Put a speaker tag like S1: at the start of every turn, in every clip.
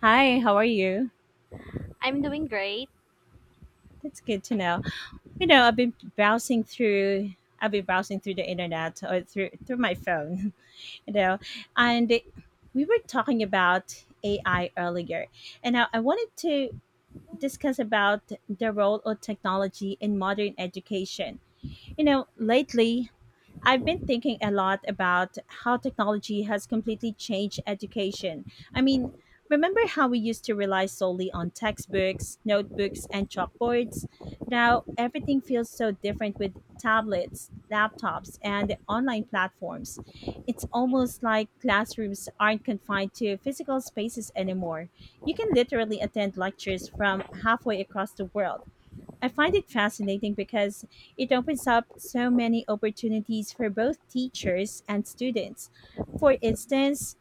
S1: Hi, how are you?
S2: I'm doing great.
S1: That's good to know. I've been browsing through the internet or through my phone, you know. And we were talking about AI earlier. And I wanted to discuss about the role of technology in modern education. You know, lately I've been thinking a lot about how technology has completely changed education. I mean, remember how we used to rely solely on textbooks, notebooks, and chalkboards? Now everything feels so different with tablets, laptops, and online platforms. It's almost like classrooms aren't confined to physical spaces anymore. You can literally attend lectures from halfway across the world. I find it fascinating because it opens up so many opportunities for both teachers and students. For instance,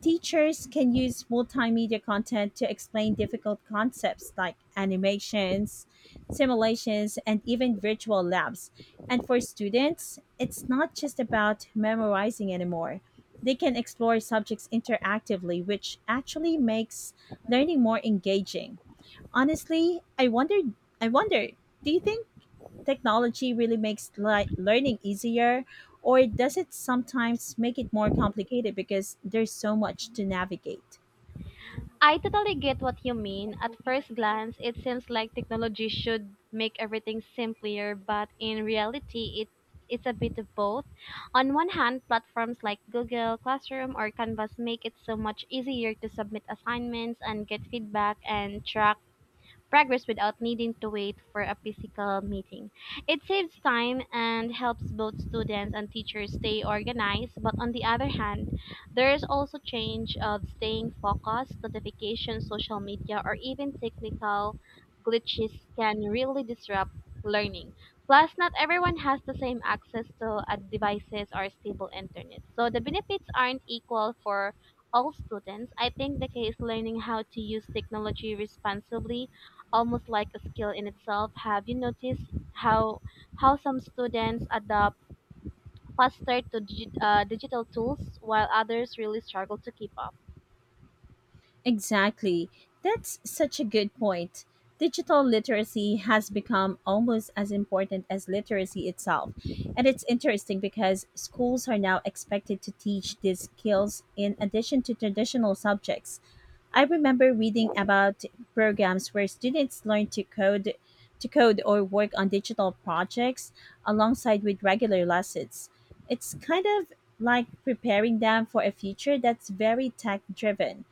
S1: teachers can use multimedia content to explain difficult concepts like animations, simulations, and even virtual labs. And for students, it's not just about memorizing anymore. They can explore subjects interactively, which actually makes learning more engaging. Honestly, I wonder, do you think technology really makes learning easier or does it sometimes make it more complicated because there's so much to navigate?
S2: I totally get what you mean. At first glance, it seems like technology should make everything simpler, but in reality, it's a bit of both. On one hand, platforms like Google Classroom or Canvas make it so much easier to submit assignments and get feedback and track progress without needing to wait for a physical meeting. It saves time and helps both students and teachers stay organized, but on the other hand, there is also change of staying focused, notifications, social media, or even technical glitches can really disrupt learning. Plus, not everyone has the same access to devices or stable internet. So the benefits aren't equal for all students. I think the key is learning how to use technology responsibly almost like a skill in itself. Have you noticed how how some students adapt faster to digital tools while others really struggle to keep up?
S1: Exactly. That's such a good point. Digital literacy has become almost as important as literacy itself. And it's interesting because schools are now expected to teach these skills in addition to traditional subjects. I remember reading about programs where students learn to code or work on digital projects alongside with regular lessons. It's kind of like preparing them for a future that's very tech driven.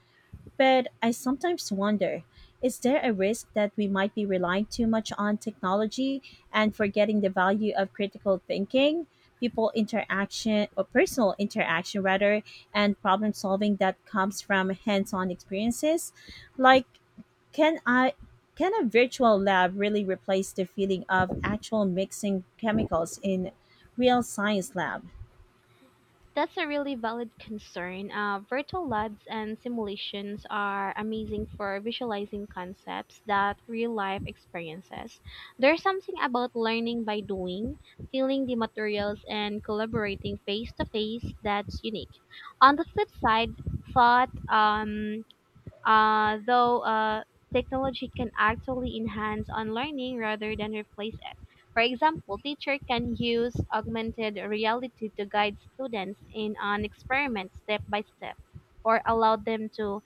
S1: But I sometimes wonder, is there a risk that we might be relying too much on technology and forgetting the value of critical thinking, people interaction, or personal interaction rather, and problem solving that comes from hands on experiences? Like, can I? Can a virtual lab really replace the feeling of actual mixing chemicals in real science lab?
S2: That's a really valid concern. Virtual labs and simulations are amazing for visualizing concepts that real life experiences. There's something about learning by doing, feeling the materials, and collaborating face to face that's unique. On the flip side, thought um, though technology can actually enhance on learning rather than replace it. For example, teacher can use augmented reality to guide students in an experiment step by step or allow them to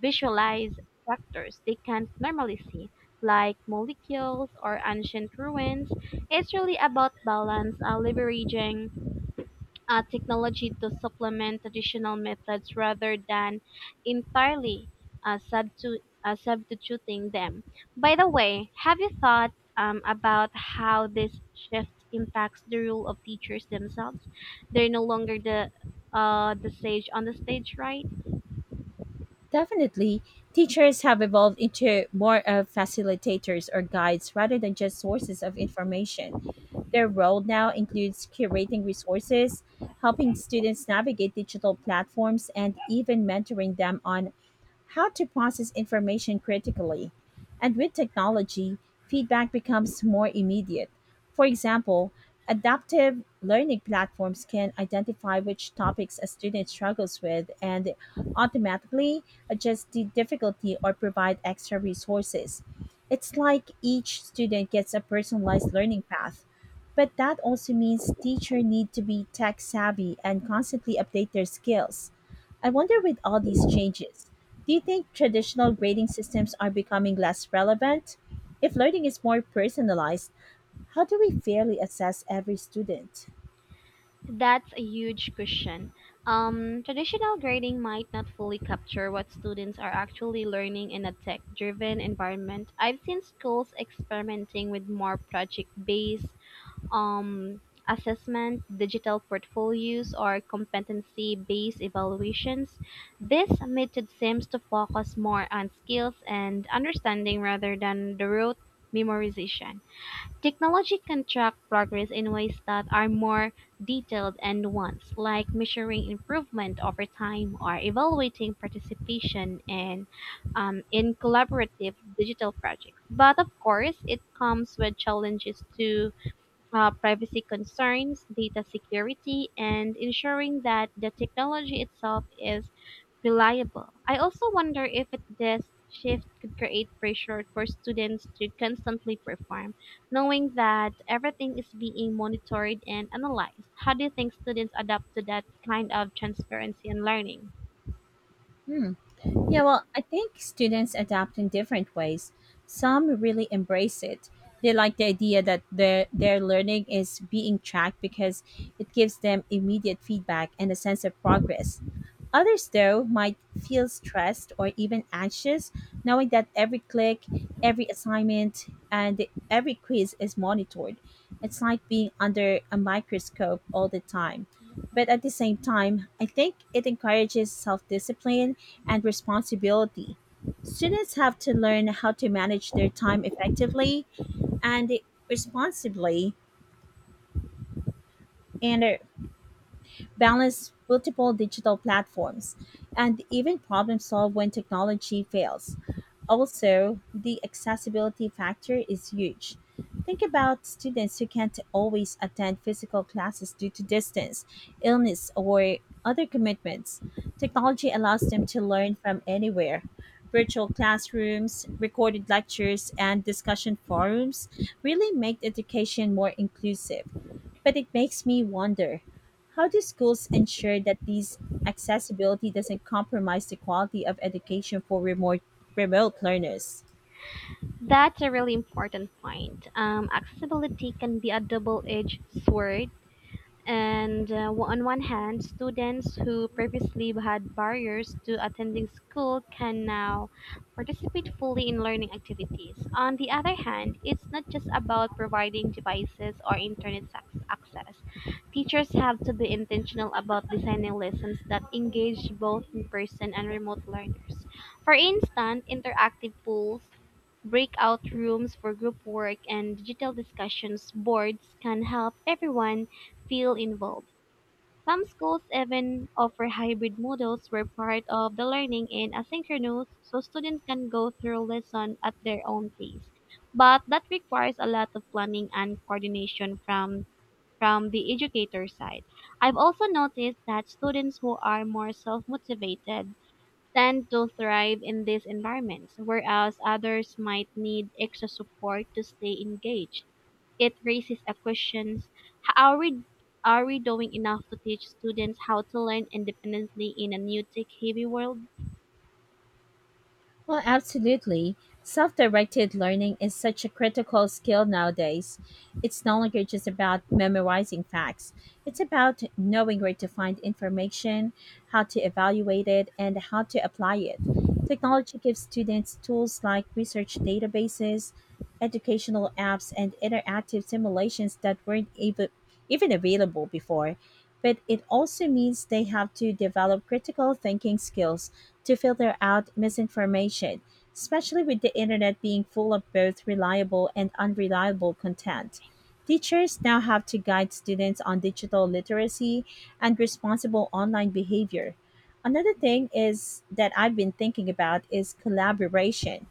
S2: visualize structures they can't normally see like molecules or ancient ruins. It's really about balance, leveraging technology to supplement traditional methods rather than entirely substituting them. By the way, have you thought about how this shift impacts the role of teachers themselves? They're no longer the the sage on the stage, right?
S1: Definitely, teachers have evolved into more of facilitators or guides rather than just sources of information. Their role now includes curating resources, helping students navigate digital platforms, and even mentoring them on how to process information critically. And with technology, feedback becomes more immediate. For example, adaptive learning platforms can identify which topics a student struggles with and automatically adjust the difficulty or provide extra resources. It's like each student gets a personalized learning path. But that also means teachers need to be tech savvy and constantly update their skills. I wonder, with all these changes, do you think traditional grading systems are becoming less relevant? If learning is more personalized, how do we fairly assess every student?
S2: That's a huge question. Traditional grading might not fully capture what students are actually learning in a tech driven environment. I've seen schools experimenting with more project based um, assessment, digital portfolios, or competency based evaluations. This method seems to focus more on skills and understanding rather than the rote memorization. Technology can track progress in ways that are more detailed and nuanced, like measuring improvement over time or evaluating participation in collaborative digital projects. But of course, it comes with challenges too, privacy concerns, data security, and ensuring that the technology itself is reliable. I also wonder if this shift could create pressure for students to constantly perform, knowing that everything is being monitored and analyzed. How do you think students adapt to that kind of transparency in learning?
S1: Hmm. Yeah, well, I think students adapt in different ways. Some really embrace it. They like the idea that their learning is being tracked because it gives them immediate feedback and a sense of progress. Others though might feel stressed or even anxious knowing that every click, every assignment, and every quiz is monitored. It's like being under a microscope all the time. But at the same time, I think it encourages self-discipline and responsibility. Students have to learn how to manage their time effectively and responsibly and balance multiple digital platforms, and even problem solve when technology fails. Also, the accessibility factor is huge. Think about students who can't always attend physical classes due to distance, illness, or other commitments. Technology allows them to learn from anywhere. Virtual classrooms, recorded lectures, and discussion forums really make education more inclusive. But it makes me wonder, how do schools ensure that these accessibility doesn't compromise the quality of education for remote remote learners?
S2: That's a really important point. Accessibility can be a double edged sword. And on one hand, students who previously had barriers to attending school can now participate fully in learning activities. On the other hand, it's not just about providing devices or internet access. Teachers have to be intentional about designing lessons that engage both in person and remote learners. For instance, interactive polls, breakout rooms for group work and digital discussions boards can help everyone feel involved. Some schools even offer hybrid models where part of the learning is asynchronous so students can go through lesson at their own pace. But that requires a lot of planning and coordination from the educator side. I've also noticed that students who are more self-motivated tend to thrive in these environments, whereas others might need extra support to stay engaged. It raises a question, are we, are we doing enough to teach students how to learn independently in a new tech heavy world?
S1: Well, absolutely. Self directed learning is such a critical skill nowadays. It's no longer just about memorizing facts, it's about knowing where to find information, how to evaluate it, and how to apply it. Technology gives students tools like research databases, educational apps, and interactive simulations that weren't even available before, but it also means they have to develop critical thinking skills to filter out misinformation, especially with the internet being full of both reliable and unreliable content. Teachers now have to guide students on digital literacy and responsible online behavior. Another thing is that I've been thinking about is collaboration.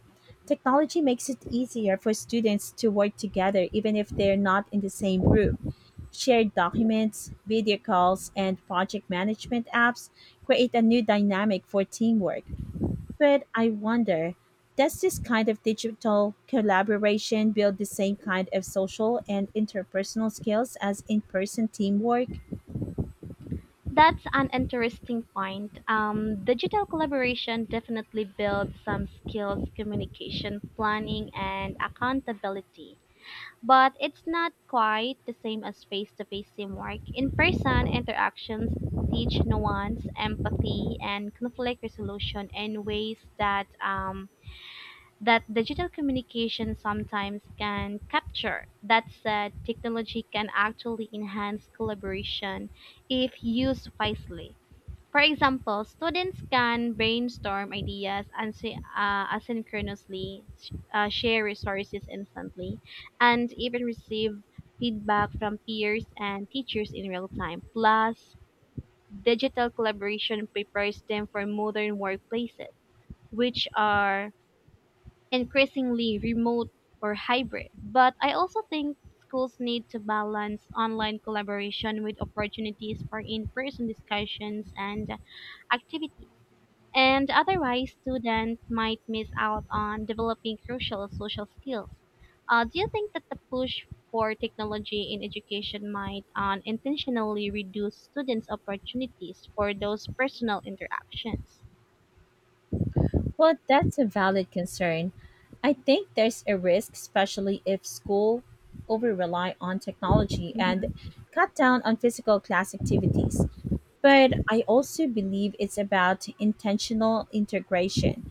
S1: Technology makes it easier for students to work together even if they're not in the same room. Shared documents, video calls, and project management apps create a new dynamic for teamwork. But I wonder, does this kind of digital collaboration build the same kind of social and interpersonal skills as in person teamwork?
S2: That's an interesting point. Digital collaboration definitely builds some skills, communication, planning, and accountability, but it's not quite the same as face to face teamwork. In person interactions teach nuance, empathy, and conflict resolution in ways that that digital communication sometimes can capture. That said, technology can actually enhance collaboration if used wisely. For example, students can brainstorm ideas and asynchronously, share resources instantly, and even receive feedback from peers and teachers in real time. Plus, digital collaboration prepares them for modern workplaces, which are increasingly remote or hybrid. But I also think schools need to balance online collaboration with opportunities for in person discussions and activities, and otherwise students might miss out on developing crucial social skills. Do you think that the push for technology in education might unintentionally reduce students' opportunities for those personal interactions?
S1: Well, that's a valid concern. I think there's a risk, especially if school over rely on technology and
S2: Mhm.
S1: cut down on physical class activities. But I also believe it's about intentional integration.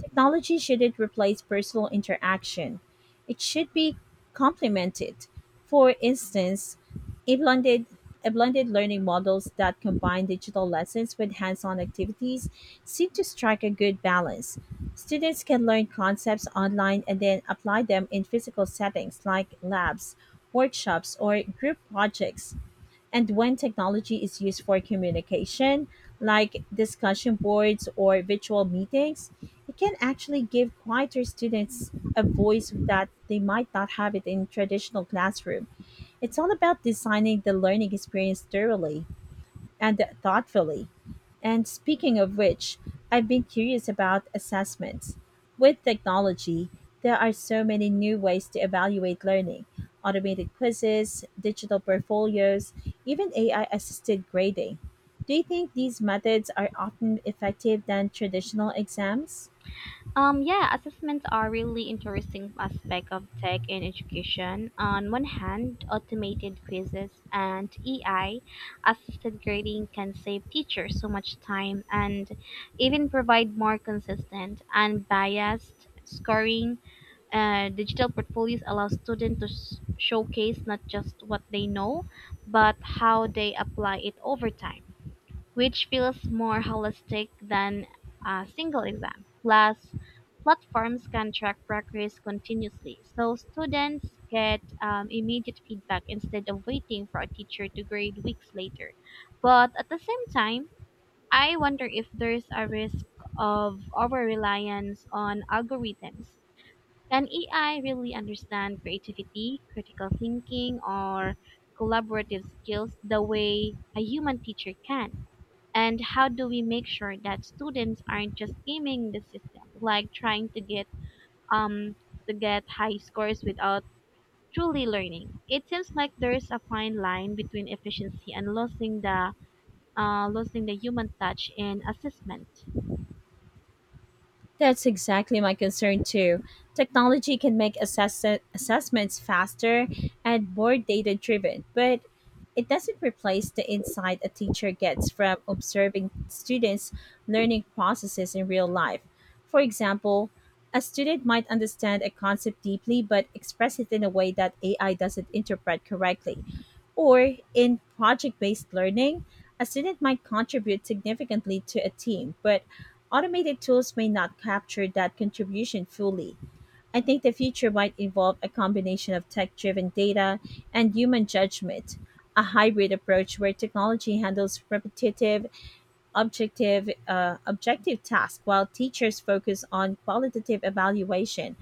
S1: Technology shouldn't replace personal interaction, it should be complemented. For instance, a blended, a blended learning models that combine digital lessons with hands on activities seem to strike a good balance. Students can learn concepts online and then apply them in physical settings like labs, workshops, or group projects. And when technology is used for communication, like discussion boards or virtual meetings, it can actually give quieter students a voice that they might not have it in traditional classroom. It's all about designing the learning experience thoroughly and thoughtfully. And speaking of which, I've been curious about assessments. With technology, there are so many new ways to evaluate learning: automated quizzes, digital portfolios, even AI assisted grading. Do you think these methods are often effective than traditional exams?
S2: Yeah, assessments are really interesting aspect of tech in education. On one hand, automated quizzes and AI assisted grading can save teachers so much time and even provide more consistent and biased scoring. Digital portfolios allow students to showcase not just what they know, but how they apply it over time, which feels more holistic than a single exam. Plus, platforms can track progress continuously, so students get immediate feedback instead of waiting for a teacher to grade weeks later. But at the same time, I wonder if there's a risk of over reliance on algorithms. Can AI really understand creativity, critical thinking, or collaborative skills the way a human teacher can? And how do we make sure that students aren't just gaming the system, like trying um to get high scores without truly learning? It seems like there's a fine line between efficiency and losing the losing the human touch in assessment.
S1: That's exactly my concern too. Technology can make assessments faster and more data driven, but it doesn't replace the insight a teacher gets from observing students' learning processes in real life. For example, a student might understand a concept deeply but express it in a way that AI doesn't interpret correctly. Or in project based learning, a student might contribute significantly to a team, but Automated tools may not capture that contribution fully. I think the future might involve a combination of tech driven data and human judgment, a hybrid approach where technology handles repetitive, objective tasks while teachers focus on qualitative evaluation.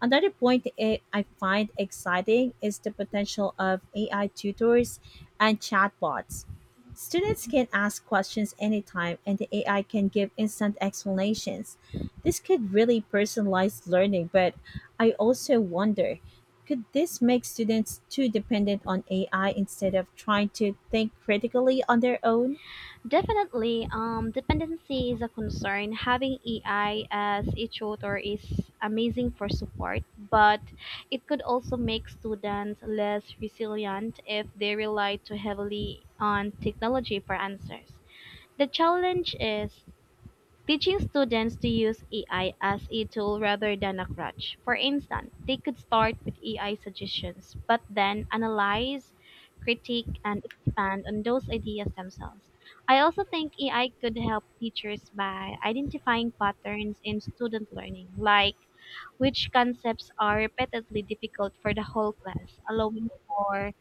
S1: Another point I find exciting is the potential of AI tutors and chatbots. Students can ask questions anytime, and the AI can give instant explanations. This could really personalize learning, but I also wonder, could this make students too dependent on AI instead of trying to think critically on their own?
S2: Definitely, dependency is a concern. Having AI as a tutor is amazing for support, but it could also make students less resilient if they rely too heavily on technology for answers. The challenge is teaching students to use AI as a tool rather than a crutch. For instance, they could start with AI suggestions, but then analyze, critique, and expand on those ideas themselves. I also think AI could help teachers by identifying patterns in student learning, like which concepts are repeatedly difficult for the whole class, allowing for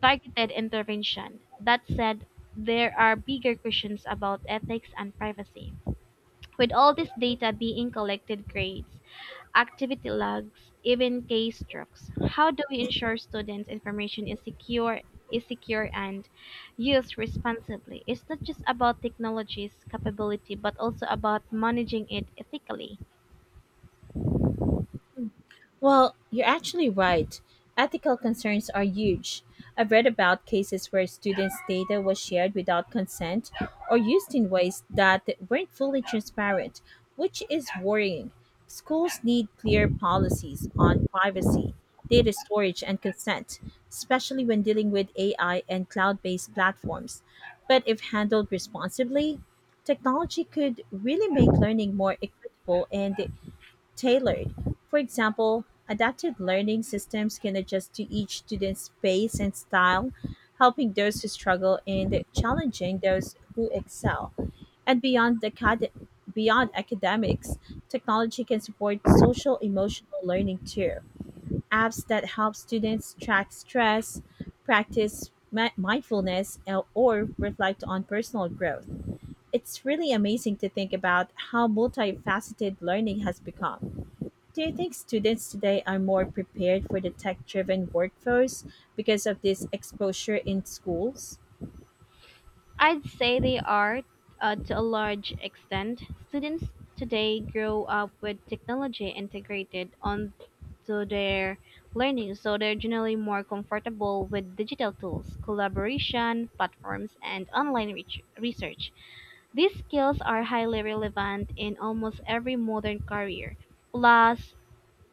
S2: targeted intervention. That said, there are bigger questions about ethics and privacy. With all this data being collected, grades, activity logs, even case strokes, how do we ensure students' information is secure and used responsibly? It's not just about technology's capability, but also about managing it ethically.
S1: Well, you're actually right. Ethical concerns are huge. I've read about cases where students' data was shared without consent or used in ways that weren't fully transparent, which is worrying. Schools need clear policies on privacy, data storage, and consent, especially when dealing with AI and cloud based platforms. But if handled responsibly, technology could really make learning more equitable and tailored. For example, adaptive learning systems can adjust to each student's pace and style, helping those who struggle and challenging those who excel. And beyond academics, technology can support social emotional learning too. Apps that help students track stress, practice mindfulness, and- or reflect on personal growth. It's really amazing to think about how multifaceted learning has become. Do you think students today are more prepared for the tech driven workforce because of this exposure in schools?
S2: I'd say they are, to a large extent. Students today grow up with technology integrated onto their learning, so they're generally more comfortable with digital tools, collaboration platforms, and research. These skills are highly relevant in almost every modern career. Plus,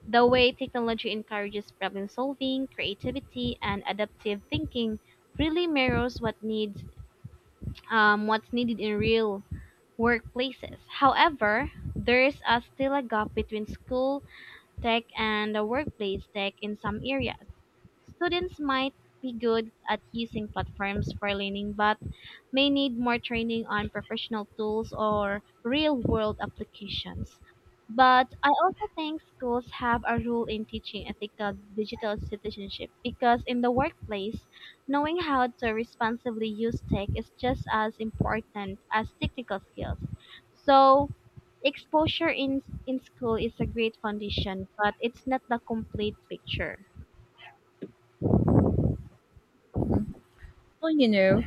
S2: the way technology encourages problem solving, creativity, and adaptive thinking really mirrors what's needed in real workplaces. However, there's still a gap between school tech and the workplace tech in some areas. Students might be good at using platforms for learning, but may need more training on professional tools or real world applications. But I also think schools have a role in teaching ethical digital citizenship because in the workplace, knowing how to responsibly use tech is just as important as technical skills. So, exposure in, in school is a great foundation, but it's not the complete picture.
S1: Mhm. Well, you know,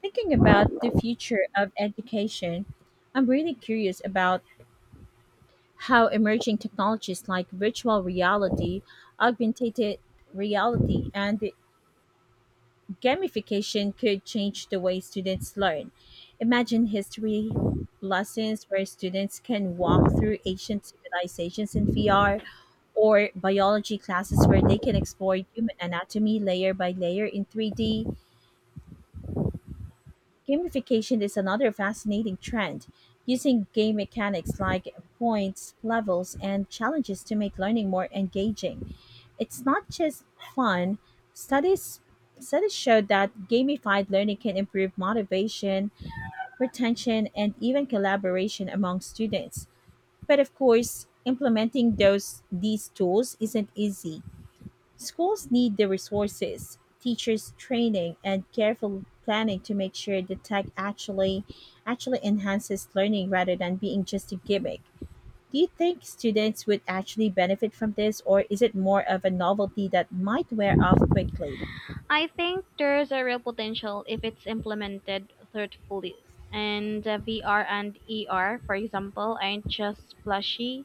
S1: thinking about the future of education, I'm really curious about how emerging technologies like virtual reality, augmented reality, and Gamification could change the way students learn. Imagine history lessons where students can walk through ancient civilizations in VR or biology classes where they can explore human anatomy layer by layer in 3D. Gamification is another fascinating trend, using game mechanics like points, levels, and challenges to make learning more engaging. It's not just fun. Studies Studies showed that gamified learning can improve motivation, retention, and even collaboration among students. But of course, implementing those these tools isn't easy. Schools need the resources, teachers training, and careful planning to make sure the tech actually enhances learning rather than being just a gimmick. Do you think students would actually benefit from this, or is it more of a novelty that might wear off quickly?
S2: I think there's a real potential if it's implemented thoughtfully. And VR and ER, for example, aren't just flashy.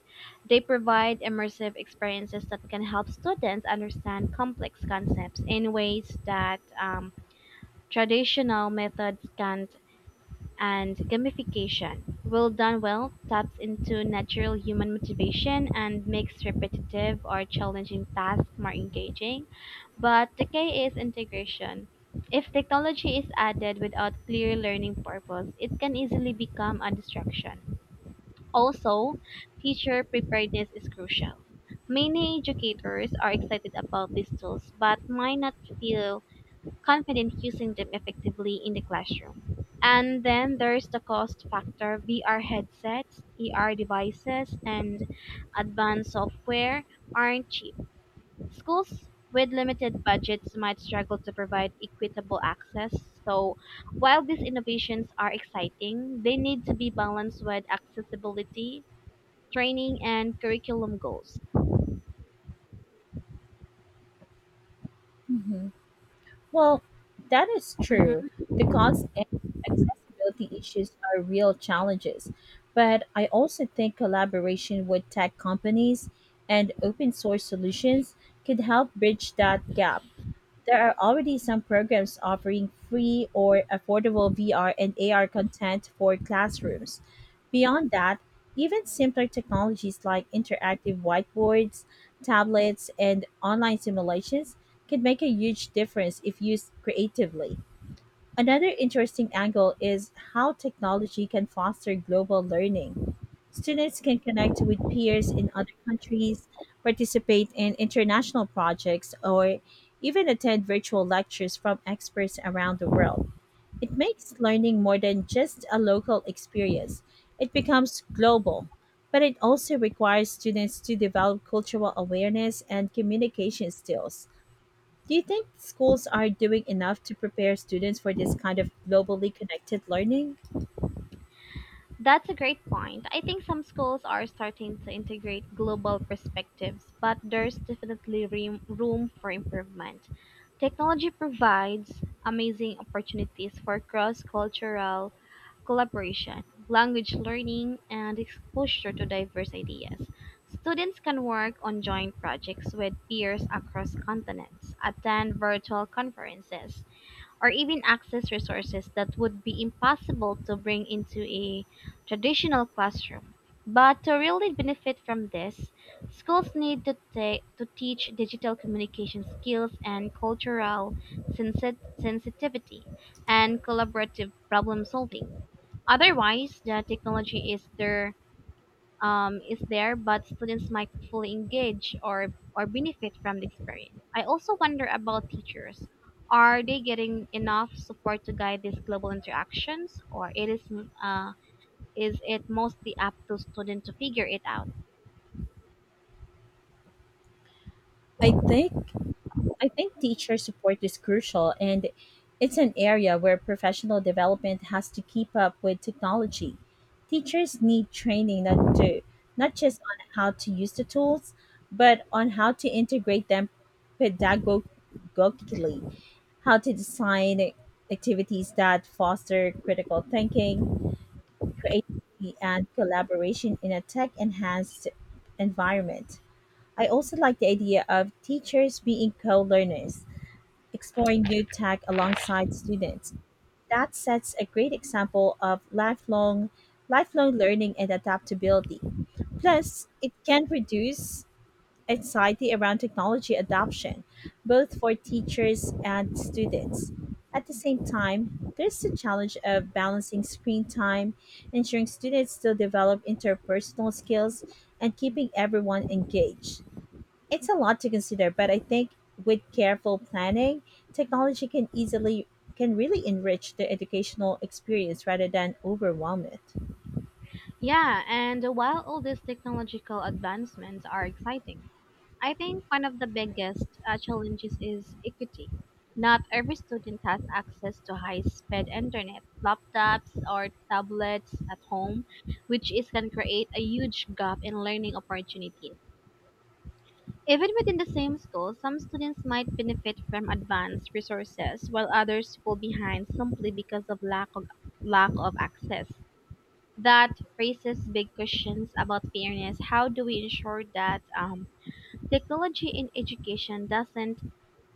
S2: They provide immersive experiences that can help students understand complex concepts in ways that traditional methods can't. And gamification, well done well, taps into natural human motivation and makes repetitive or challenging tasks more engaging. But the K is integration. If technology is added without clear learning purpose, it can easily become a distraction. Also, teacher preparedness is crucial. Many educators are excited about these tools but might not feel confident using them effectively in the classroom. And then there's the cost factor. VR headsets, ER devices, and advanced software aren't cheap. Schools with limited budgets might struggle to provide equitable access. So, while these innovations are exciting, they need to be balanced with accessibility, training, and curriculum goals.
S1: Hmm. Well, that is true. The cost and accessibility issues are real challenges. But I also think collaboration with tech companies and open source solutions could help bridge that gap. There are already some programs offering free or affordable VR and AR content for classrooms. Beyond that, even simpler technologies like interactive whiteboards, tablets, and online simulations can make a huge difference if used creatively. Another interesting angle is how technology can foster global learning. Students can connect with peers in other countries, participate in international projects, or even attend virtual lectures from experts around the world. It makes learning more than just a local experience, it becomes global. But it also requires students to develop cultural awareness and communication skills. Do you think schools are doing enough to prepare students for this kind of globally connected learning?
S2: That's a great point. I think some schools are starting to integrate global perspectives, but there's definitely room for improvement. Technology provides amazing opportunities for cross cultural collaboration, language learning, and exposure to diverse ideas. Students can work on joint projects with peers across continents, attend virtual conferences, or even access resources that would be impossible to bring into a traditional classroom. But to really benefit from this, schools need to teach digital communication skills and cultural sensitivity and collaborative problem solving. Otherwise, the technology is there, but students might fully engage or benefit from the experience. I also wonder about teachers. Are they getting enough support to guide these global interactions, or it uh, is it mostly up to students to figure it out?
S1: I think I think teacher support is crucial, and it's an area where professional development has to keep up with technology. Teachers need training not just on how to use the tools, but on how to integrate them pedagogically, how to design activities that foster critical thinking, creativity, and collaboration in a tech-enhanced environment. I also like the idea of teachers being co-learners, exploring new tech alongside students. That sets a great example of lifelong learning and adaptability. Plus, it can reduce anxiety around technology adoption, both for teachers and students. At the same time, there's the challenge of balancing screen time, ensuring students still develop interpersonal skills, and keeping everyone engaged. It's a lot to consider, but I think with careful planning, technology can easily can really enrich the educational experience rather than overwhelm it.
S2: Yeah, and while all these technological advancements are exciting, I think one of the biggest challenges is equity. Not every student has access to high speed internet, laptops, or tablets at home, which is can create a huge gap in learning opportunities. Even within the same school, some students might benefit from advanced resources while others fall behind simply because of lack of access. That raises big questions about fairness. How do we ensure that technology in education doesn't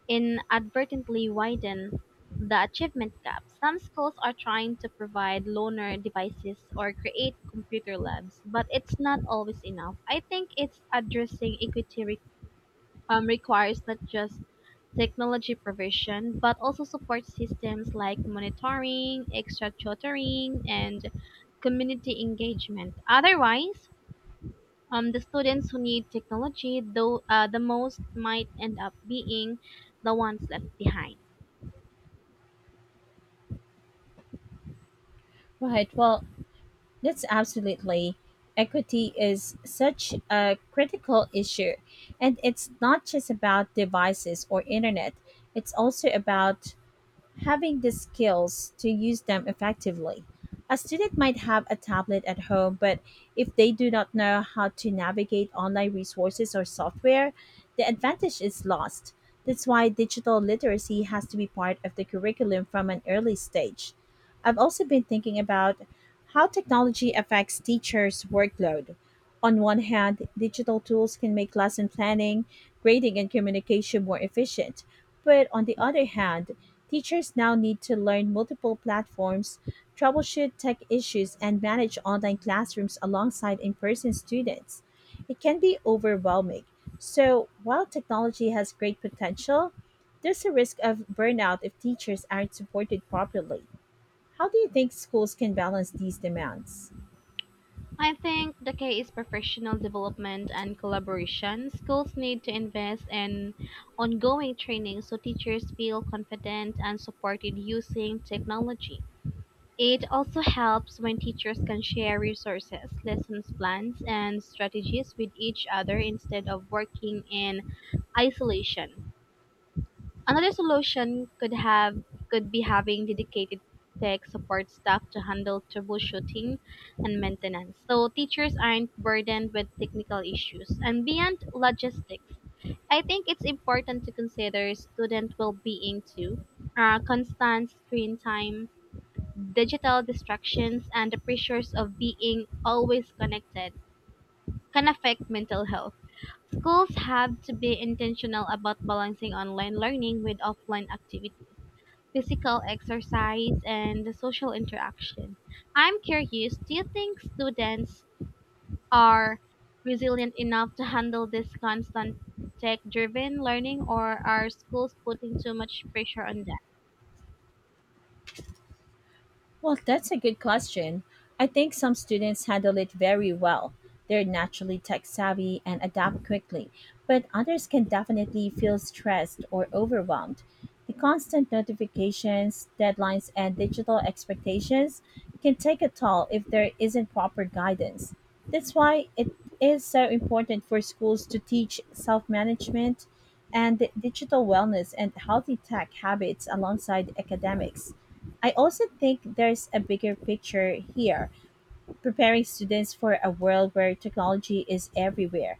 S2: inadvertently widen the achievement gap. Some schools are trying to provide loaner devices or create computer labs, but it's not always enough. I think it's addressing equity requires not just technology provision, but also support systems like monitoring, extra tutoring, and community engagement. Otherwise, the students who need technology, the most might end up being the ones left behind.
S1: Right. Well, that's absolutely. Equity is such a critical issue, and it's not just about devices or internet. It's also about having the skills to use them effectively. A student might have a tablet at home, but if they do not know how to navigate online resources or software, the advantage is lost. That's why digital literacy has to be part of the curriculum from an early stage. I've also been thinking about how technology affects teachers' workload. On one hand, digital tools can make lesson planning, grading, and communication more efficient. But on the other hand, teachers now need to learn multiple platforms, troubleshoot tech issues, and manage online classrooms alongside in person students. It can be overwhelming. So, while technology has great potential, there's a risk of burnout if teachers aren't supported properly. How do you think schools can balance these demands?
S2: I think the key is professional development and collaboration. Schools need to invest in ongoing training so teachers feel confident and supported using technology. It also helps when teachers can share resources, lessons plans, and strategies with each other instead of working in isolation. Another solution could be having dedicated tech support staff to handle troubleshooting and maintenance, so teachers aren't burdened with technical issues. And beyond logistics, I think it's important to consider student well-being too. Constant screen time, digital distractions, and the pressures of being always connected can affect mental health. Schools have to be intentional about balancing online learning with offline activities, physical exercise, and the social interaction. I'm curious, do you think students are resilient enough to handle this constant tech driven learning, or are schools putting too much pressure on them?
S1: Well, that's a good question. I think some students handle it very well. They're naturally tech savvy and adapt quickly, but others can definitely feel stressed or overwhelmed. The constant notifications, deadlines, and digital expectations can take a toll if there isn't proper guidance. That's why it is so important for schools to teach self management and digital wellness and healthy tech habits alongside academics. I also think there's a bigger picture here, preparing students for a world where technology is everywhere.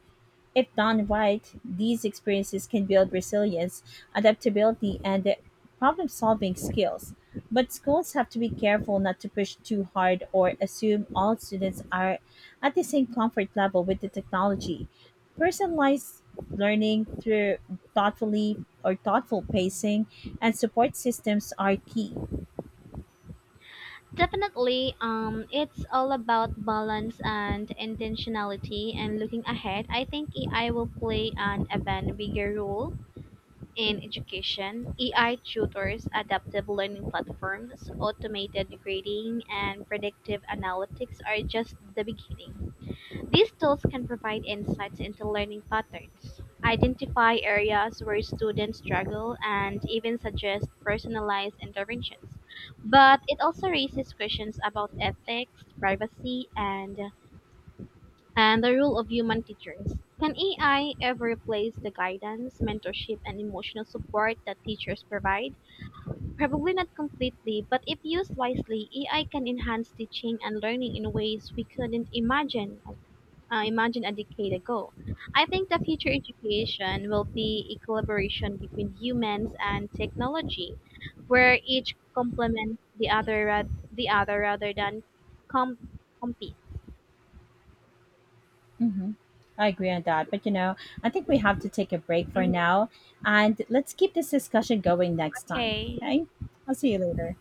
S1: If done right, these experiences can build resilience, adaptability, and problem solving skills. But schools have to be careful not to push too hard or assume all students are at the same comfort level with the technology. Personalized learning through thoughtfully thoughtful pacing and support systems are key.
S2: Definitely, it's all about balance and intentionality. And looking ahead, I think AI will play an even bigger role in education. AI tutors, adaptive learning platforms, automated grading, and predictive analytics are just the beginning. These tools can provide insights into learning patterns, identify areas where students struggle, and even suggest personalized interventions. But it also raises questions about ethics, privacy, and the role of human teachers. Can AI ever replace the guidance, mentorship, and emotional support that teachers provide? Probably not completely, but if used wisely, AI can enhance teaching and learning in ways we couldn't imagine a decade ago. I think the future education will be a collaboration between humans and technology, where each complements the other rather than compete.
S1: Hmm. I agree on that. But you know, I think we have to take a break for
S2: Mhm.
S1: now and let's keep this discussion going next time.
S2: Okay.
S1: Okay? I'll see you later.